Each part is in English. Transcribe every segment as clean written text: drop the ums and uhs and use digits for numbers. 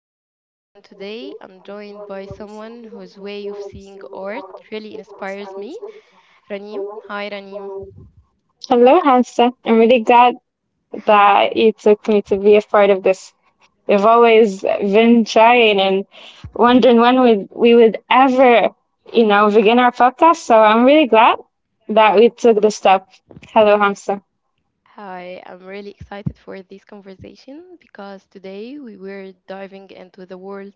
I'm Hamza, and today I'm joined by someone whose way of seeing art really inspires me, Ranim. Hi, Ranim. Hello, Hansa. I'm really glad that you took me to be a part of this. We've always been trying and wondering when we would ever, you know, begin our podcast. So I'm really glad that we took the step. Hello, Hansa. Hi, I'm really excited for this conversation because today we were diving into the world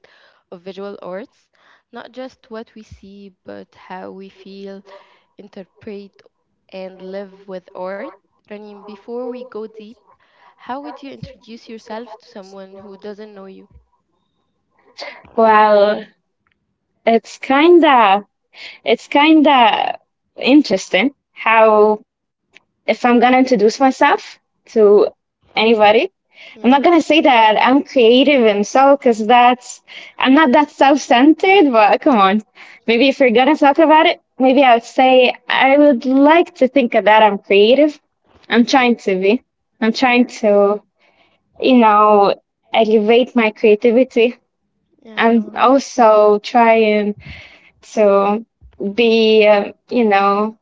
of visual arts, not just what we see, but how we feel, interpret, and live with art. Ranim, before we go deep, how would you introduce yourself to someone who doesn't know you? Well, it's kinda it's kinda interesting how if I'm gonna introduce myself to anybody, I'm not Yeah, gonna say that I'm creative and so, because that's I'm not that self-centered. But come on, maybe if we're gonna talk about it, maybe I would say I would like to think of that I'm creative. I'm trying to be. I'm trying yeah, to, you know, elevate my creativity. yeah, I'm no, also trying to be, you know,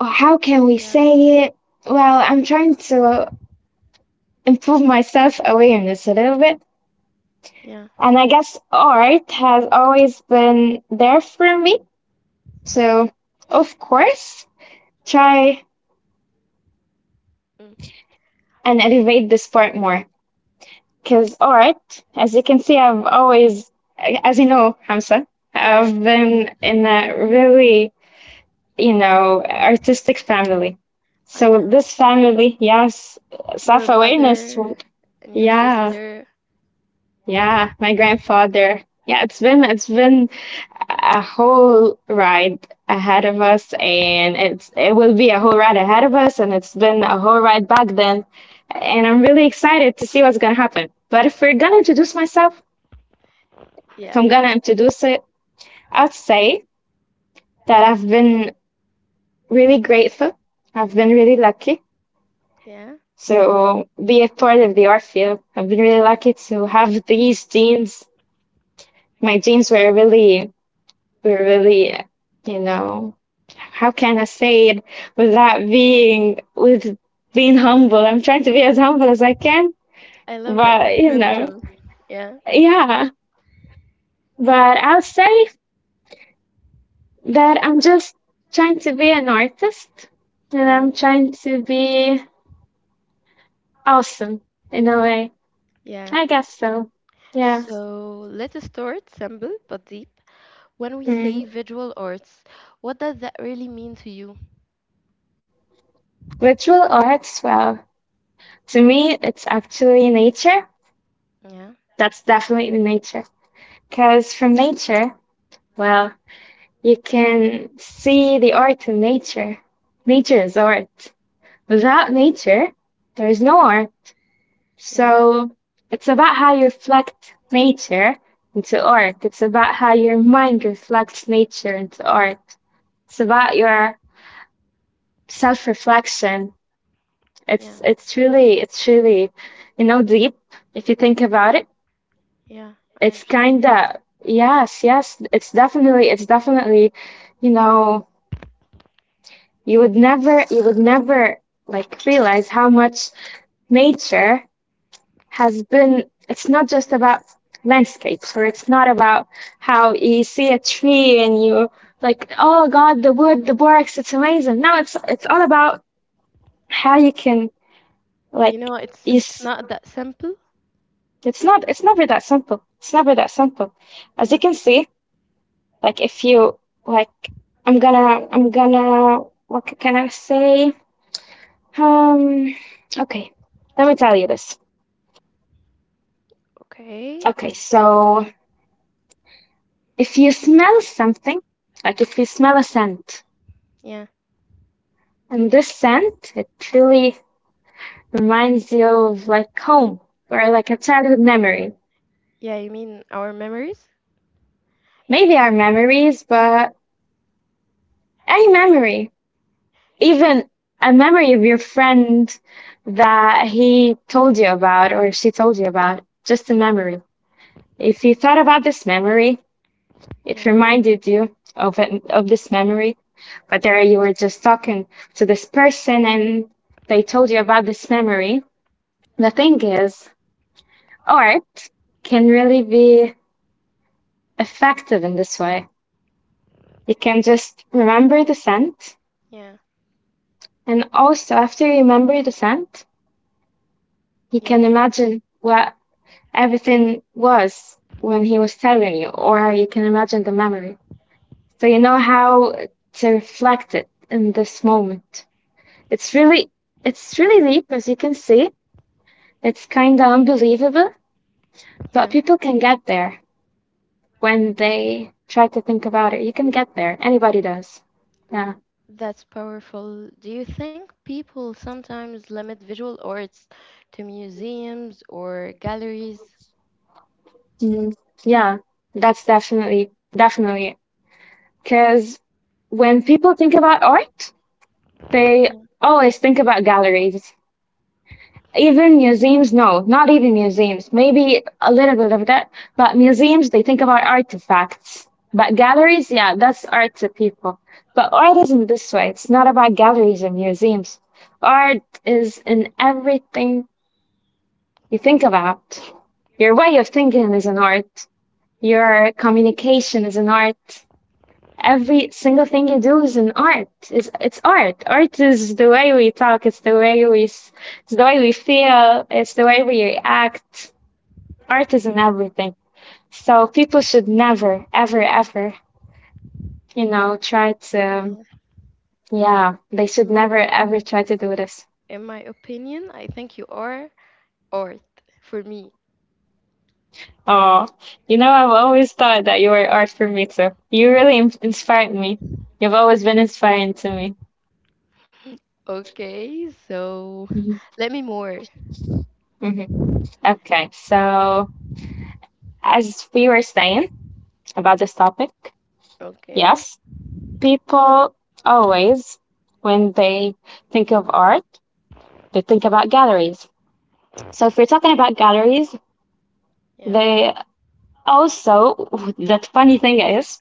how can we yeah, say it? Well, I'm trying to improve my self-awareness a little bit. yeah, And I guess art has always been there for me. So, of course, try mm, and elevate this part more. Because art, as you can see, I've always, as you know, Hamza, yeah, I've been in a really, you know, artistic family. I So know. this family, yes, Your self-awareness. mother and your Yeah, sister. yeah, my grandfather. Yeah, it's been a whole ride ahead of us and it will be a whole ride ahead of us and it's been a whole ride back then and I'm really excited to see what's gonna happen. But if we're gonna introduce myself, if Yeah, I'm gonna introduce it, I'd say that I've been really grateful. I've been really lucky yeah. to be a part of the art field. I've been really lucky to have these genes. My genes were really, you know, how can I say it without being humble? I'm trying to be as humble as I can, I love that but you know, description. Yeah, yeah. But I'll say that I'm just trying to be an artist and mm, I'm trying to be awesome in a way. yeah. I guess so. Yeah. So let us start simple but deep. When we Mm. say visual arts, what does that really mean to you? Virtual arts, well, to me, it's actually nature. Yeah, That's definitely nature. Because from nature, well, you can see the art in nature. Nature is art. Without nature, there is no art. yeah, So it's about how you reflect nature into art. It's about how your mind reflects nature into art. It's about your self-reflection. yeah, It's really you know deep if you think about it. yeah. I It's understand. kind of yes, yes. It's definitely, you know, you would never like realize how much nature has been. It's not just about landscapes, or it's not about how you see a tree and you like, oh God, the wood, the barks, it's amazing. No, it's all about how you can You like know, it's you. it's not that simple. It's not. It's never that simple. It's never that simple. As you Yeah. can see, like if you like, I'm gonna, I'm gonna. What can I say? Um, okay, let me tell you this. Okay. Okay, so if you smell something, like if you smell a scent, Yeah. and this scent, it really reminds you of like home or like a childhood memory. Yeah, you mean our memories? Maybe our memories, but any memory, even a memory of your friend that he told you about or she told you about, just a memory. If you thought about this memory, it Yeah, reminded you of this memory, but there you were just talking to this person and they told you about this memory. The thing is, art can really be effective in this way. You can just remember the scent, yeah, and also after you remember the scent, you yeah, can imagine what everything was when he was telling you, or you can imagine the memory. So you know how to reflect it in this moment. It's really it's really deep, as you can see. It's kind of unbelievable, but yeah. people can get there when they try to think about it. You can get there. Anybody does. Yeah. That's powerful. Do you think people sometimes limit visual arts to museums or galleries? Mm. Yeah, that's definitely because when people think about art, they Yeah, always think about galleries. Even museums, no, not even museums. Maybe a little bit of that, but museums, they think about artifacts. But galleries, yeah, that's art to people. But art isn't this way. It's not about galleries and museums. Art is in everything you think about. Your way of thinking is an art. Your communication is an art. Every single thing you do is an art. It's art. Art is the way we talk. It's the way we it's the way we feel. It's the way we react. Art is in everything. So people should never, ever, ever, you know, try yeah. to. Yeah, they should In my never ever try to do this. in my opinion, I think you are art for me. Oh, you know, I've always thought that you were art for me too. You really inspired me. You've always been inspiring to me. Okay, so Hmm. let me more. Hmm. Okay, so as we were saying about this topic. Okay. Yes, people always, when they think of art, they think about galleries. So if we're talking about galleries, Yeah. they also, that funny thing is,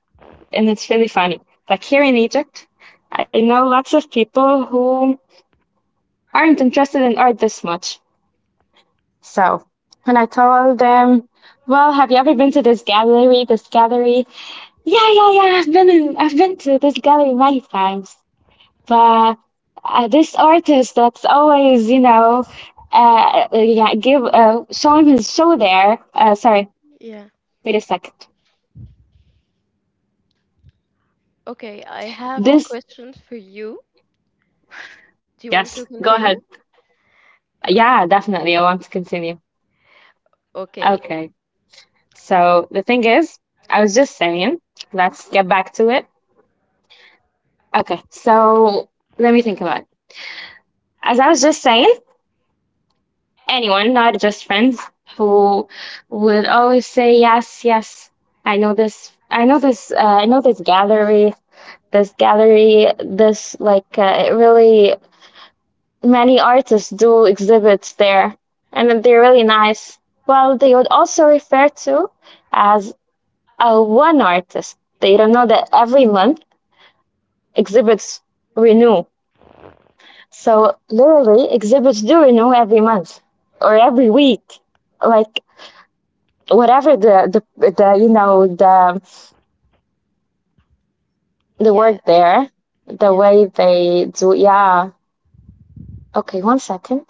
and it's really funny, like here in Egypt, I know lots of people who aren't interested in art this much. So when I told them, well, have you ever been to this gallery, this gallery? Yeah, yeah, yeah, I've been to this gallery many times. But this artist that's always, you know, yeah, give showing his show there. Sorry, Yeah. wait a second. Okay, I have This, questions for you. Do you want to yes, go continue? ahead. O- Yeah, definitely. I want to continue. Okay. Okay. So the thing is, I was just saying, let's get back to it. Okay. So let me think about it. As I was just saying, anyone, not just friends, who would always say yes, yes. I know this. I know this. I know this gallery. This gallery, this like it really many artists do exhibits there, and they're really nice. Well, they would also refer to as a one artist. They don't know that every month exhibits renew. So literally, exhibits do renew every month or every week. Like whatever the the you know the work Yeah. there, the Yeah. way they do. Yeah. Okay, one second.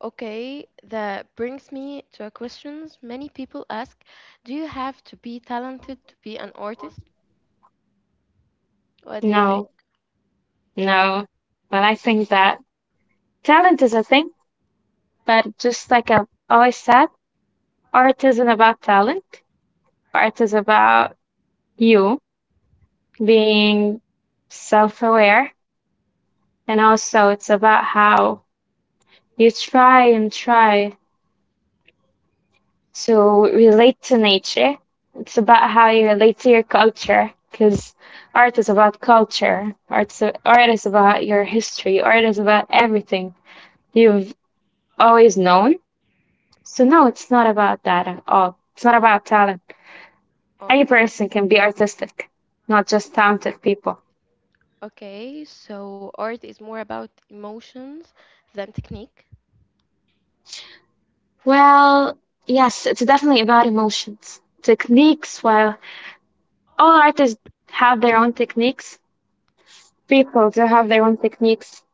Okay, that brings me to a question many people ask. Do you have to be talented to be an artist? What do you think? No. No, but I think that talent is a thing, but just like I've always said, art isn't about talent. Art is about you being self-aware, and also it's about how you try and try to relate to nature. It's about how you relate to your culture, because art is about culture. Art is about your history. Art is about everything you've always known. So no, it's not about that at all. It's not about talent. Any Okay, person can be artistic, not just talented people. okay, so art is more about emotions than technique. Well, yes, it's definitely about emotions. Techniques, well, all artists have their own techniques. People do have their own techniques.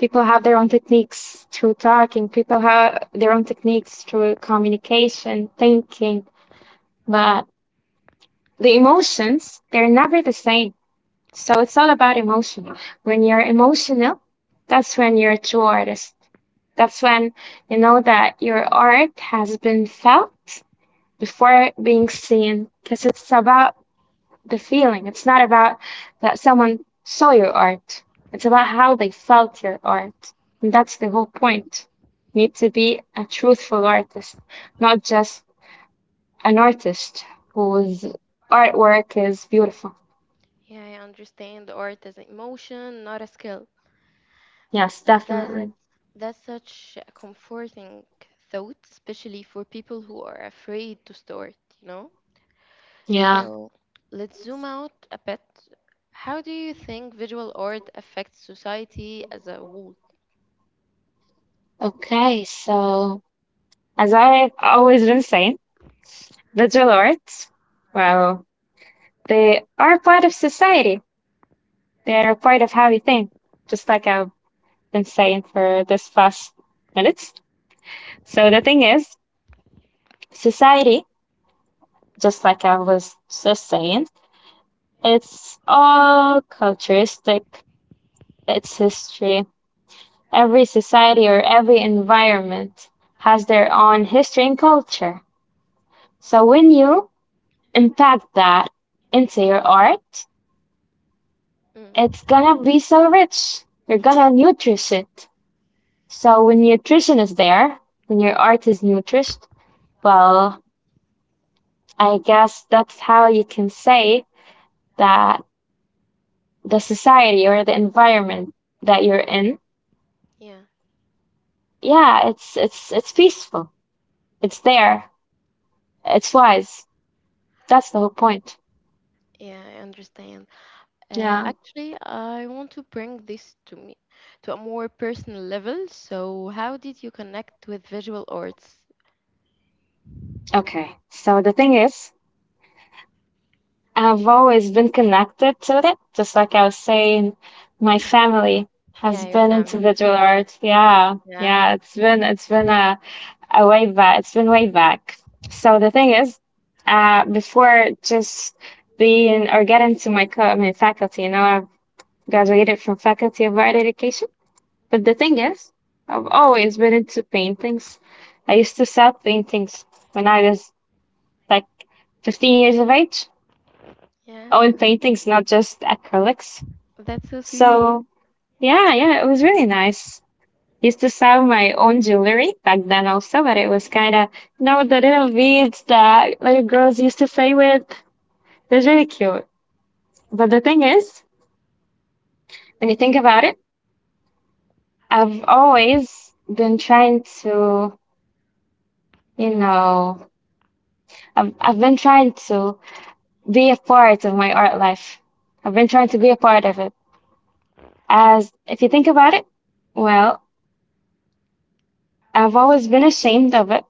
People have their own techniques through talking. People have their own techniques through communication, thinking. But the emotions, they're never the same. So it's all about emotion. When you're emotional, that's when you're a true artist. That's when you know that your art has been felt before being seen, because it's about the feeling. It's not about that someone saw your art. It's about how they felt your art. And that's the whole point. You need to be a truthful artist, not just an artist whose artwork is beautiful. Yeah, I understand art as an emotion, not a skill. Yes, That's definitely. that's such a comforting thought, especially for people who are afraid to start, you know? Yeah. So let's zoom out a bit. How do you think visual art affects society as a whole? Okay, so as I've always been saying, visual arts, well, they are part of society. They are part of how we think, just like I've been saying for this past minutes. So the thing is, society, just like I was just saying, it's all culturistic, it's history. Every society or every environment has their own history and culture. So when you impact that into your art, Mm, it's gonna be so rich. You're gonna nourish it. So when nutrition is there, when your art is nourished, well, I guess that's how you can say that the society or the environment that you're in, yeah, yeah, it's it's peaceful. It's there. It's wise. That's the whole point. yeah, I understand. Yeah. Actually, I want to bring this to a more personal level. So, how did you connect with visual arts? Okay. So the thing is, I've always been connected to it, just like I was saying, my family Yeah, has your been family. into visual art. Yeah, Yeah, yeah, a way back. It's been way back. So the thing is, before just being or getting to my co my faculty, you know, I've graduated from Faculty of Art Education. But the thing is, I've always been into paintings. I used to sell paintings when I was like 15 years of age. Oh, and yeah, paintings, not just acrylics. that's so sweet. So yeah, yeah, it was really nice. Used to sell my own jewelry back then also, but it was kind of, you know, the little beads that little girls used to play with. It was really cute. But the thing is, when you think about it, I've always been trying to, you know, I've been trying to be a part of my art life. I've been trying to be a part of it. As if you think about it, Mm, well, I've always been ashamed of it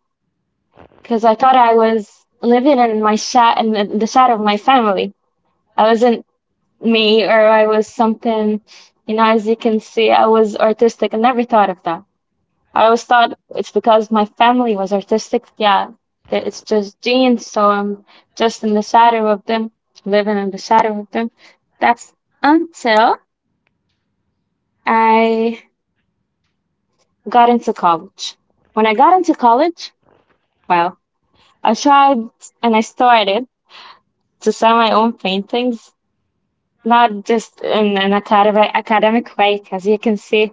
because I thought I was living in my sha- in the shadow of my family. I wasn't me, or I was something. As you can see, I was artistic. I never thought of that. I always thought it's because my family was artistic. Yeah, that it's just genes, so I'm just in the shadow of them, living in the shadow of them. That's until I got into college. When I got into college, well, I tried and I started to sell my own paintings, not just in an academic way, because you can see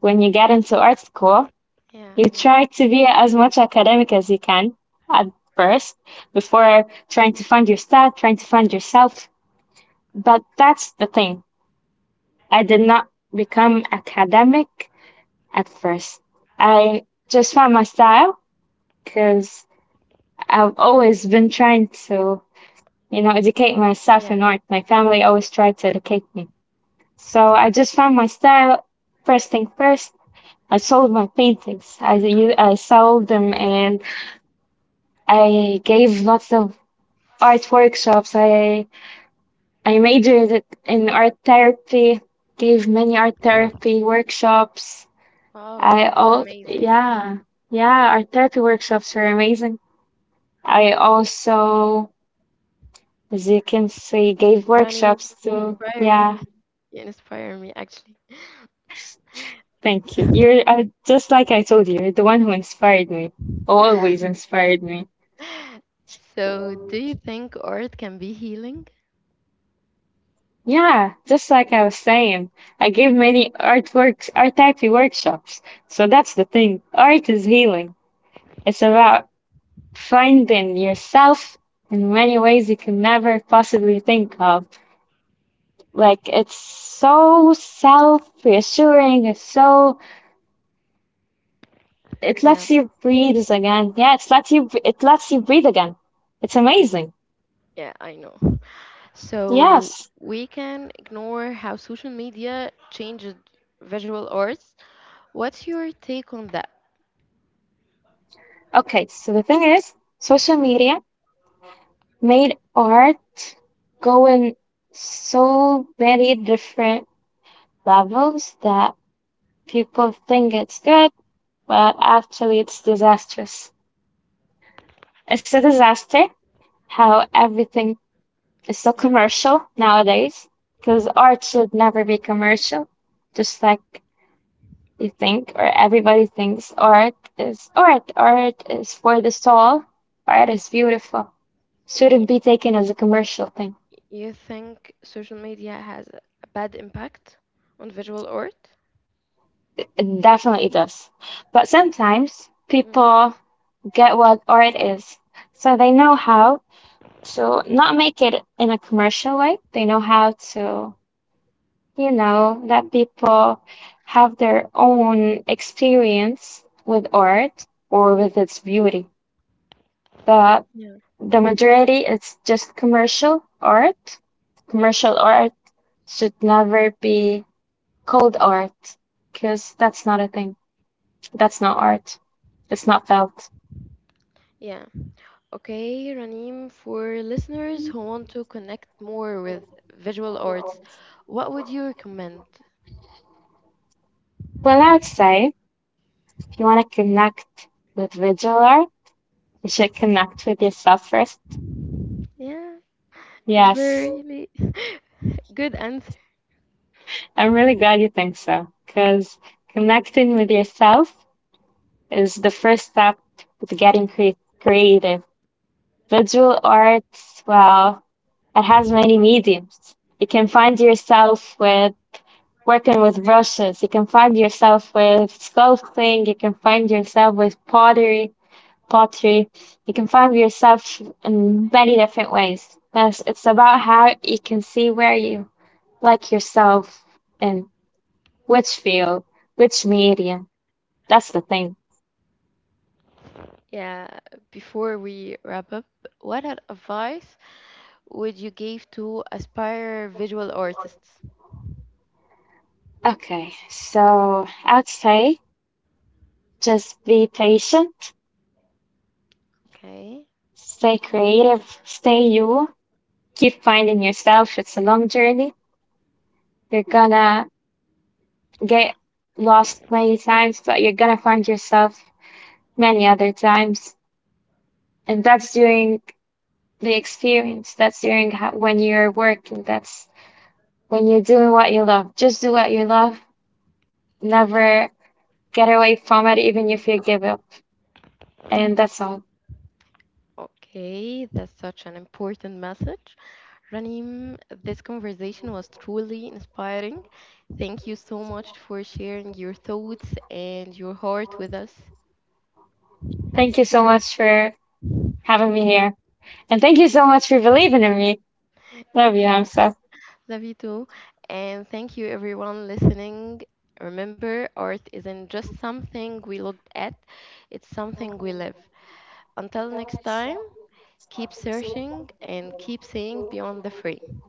when you get into art school, yeah, you I know. try to be as much academic as you can at first before trying to find your style, trying to find yourself. But that's the thing. I did not become academic at first. I just found my style because I've always been trying to, educate myself Yeah, in art. My family always tried to educate me. So I just found my style. First thing first, I sold my paintings. I sold them and I gave lots of art workshops. I majored it in art therapy, gave many art therapy workshops. wow, I that's all, amazing. yeah, yeah, art therapy workshops were amazing. I also, as you can see, gave Rani, workshops to, inspire yeah. me. You inspire me, actually. Thank you. You're just like I told you, you're the one who inspired me, always inspired me. So, do you think art can be healing? Yeah, just like I was saying, I give many artworks, art therapy workshops. So that's the thing. Art is healing. It's about finding yourself in many ways you can never possibly think of. Like, it's so self-reassuring. It's so, it Yeah, lets you breathe again. Yeah, it lets you breathe again. It's amazing. yeah, I know. So Yes. we can ignore how social media changes visual arts. What's your take on that? Okay, so the thing is, social media made art go in so many different levels that people think it's good, but actually it's disastrous. It's a disaster how everything is so Yeah. commercial nowadays, because art should never be commercial. Just like you think, or everybody thinks, art is art, art is for the soul, art is beautiful, Y- shouldn't y- be taken as a commercial thing. You think social media has a bad impact on visual art? It definitely does. But sometimes Mm. people get what art is. So they know how to not make it in a commercial way. They know how to, let people have their own experience with art or with its beauty. But Yeah. the majority is just commercial art. Commercial art should never be called art, because that's not a thing. That's not art. It's not felt. Yeah. Okay, Raneem, for listeners who want to connect more with visual Well, arts, what would you recommend? I would say if you want to connect with visual art, you should connect with yourself first. Yeah. It's Yes, very good answer. I'm really glad you think so, because connecting with yourself is the first step to getting creative. Visual arts, well, it has many mediums. You can find yourself with working with brushes, you can find yourself with sculpting, you can find yourself with pottery. You can find yourself in many different ways. But it's about how you can see where you like yourself in which field, which medium. That's the thing. Yeah, before we wrap up, what advice would you give to aspire visual artists? Okay, so I'd say just be patient, Okay. stay creative, stay you, keep finding yourself. It's a long journey. You're gonna get lost many times, but you're gonna find yourself many other times. And that's doing the experience, that's during when you're working, that's when you're doing what you love. Just do what you love, never get away from it even if you give up. And that's all. Okay, that's such an important message. Ranim, this conversation was truly inspiring. Thank you so much for sharing your thoughts and your heart with us. Thank you so much for having me here, and thank you so much for believing in me. Love you, Yeah. Hamza. Love you too. And thank you, everyone listening. Remember, art isn't just something we look at, it's something we live. Until next time, keep searching and keep seeing beyond the frame.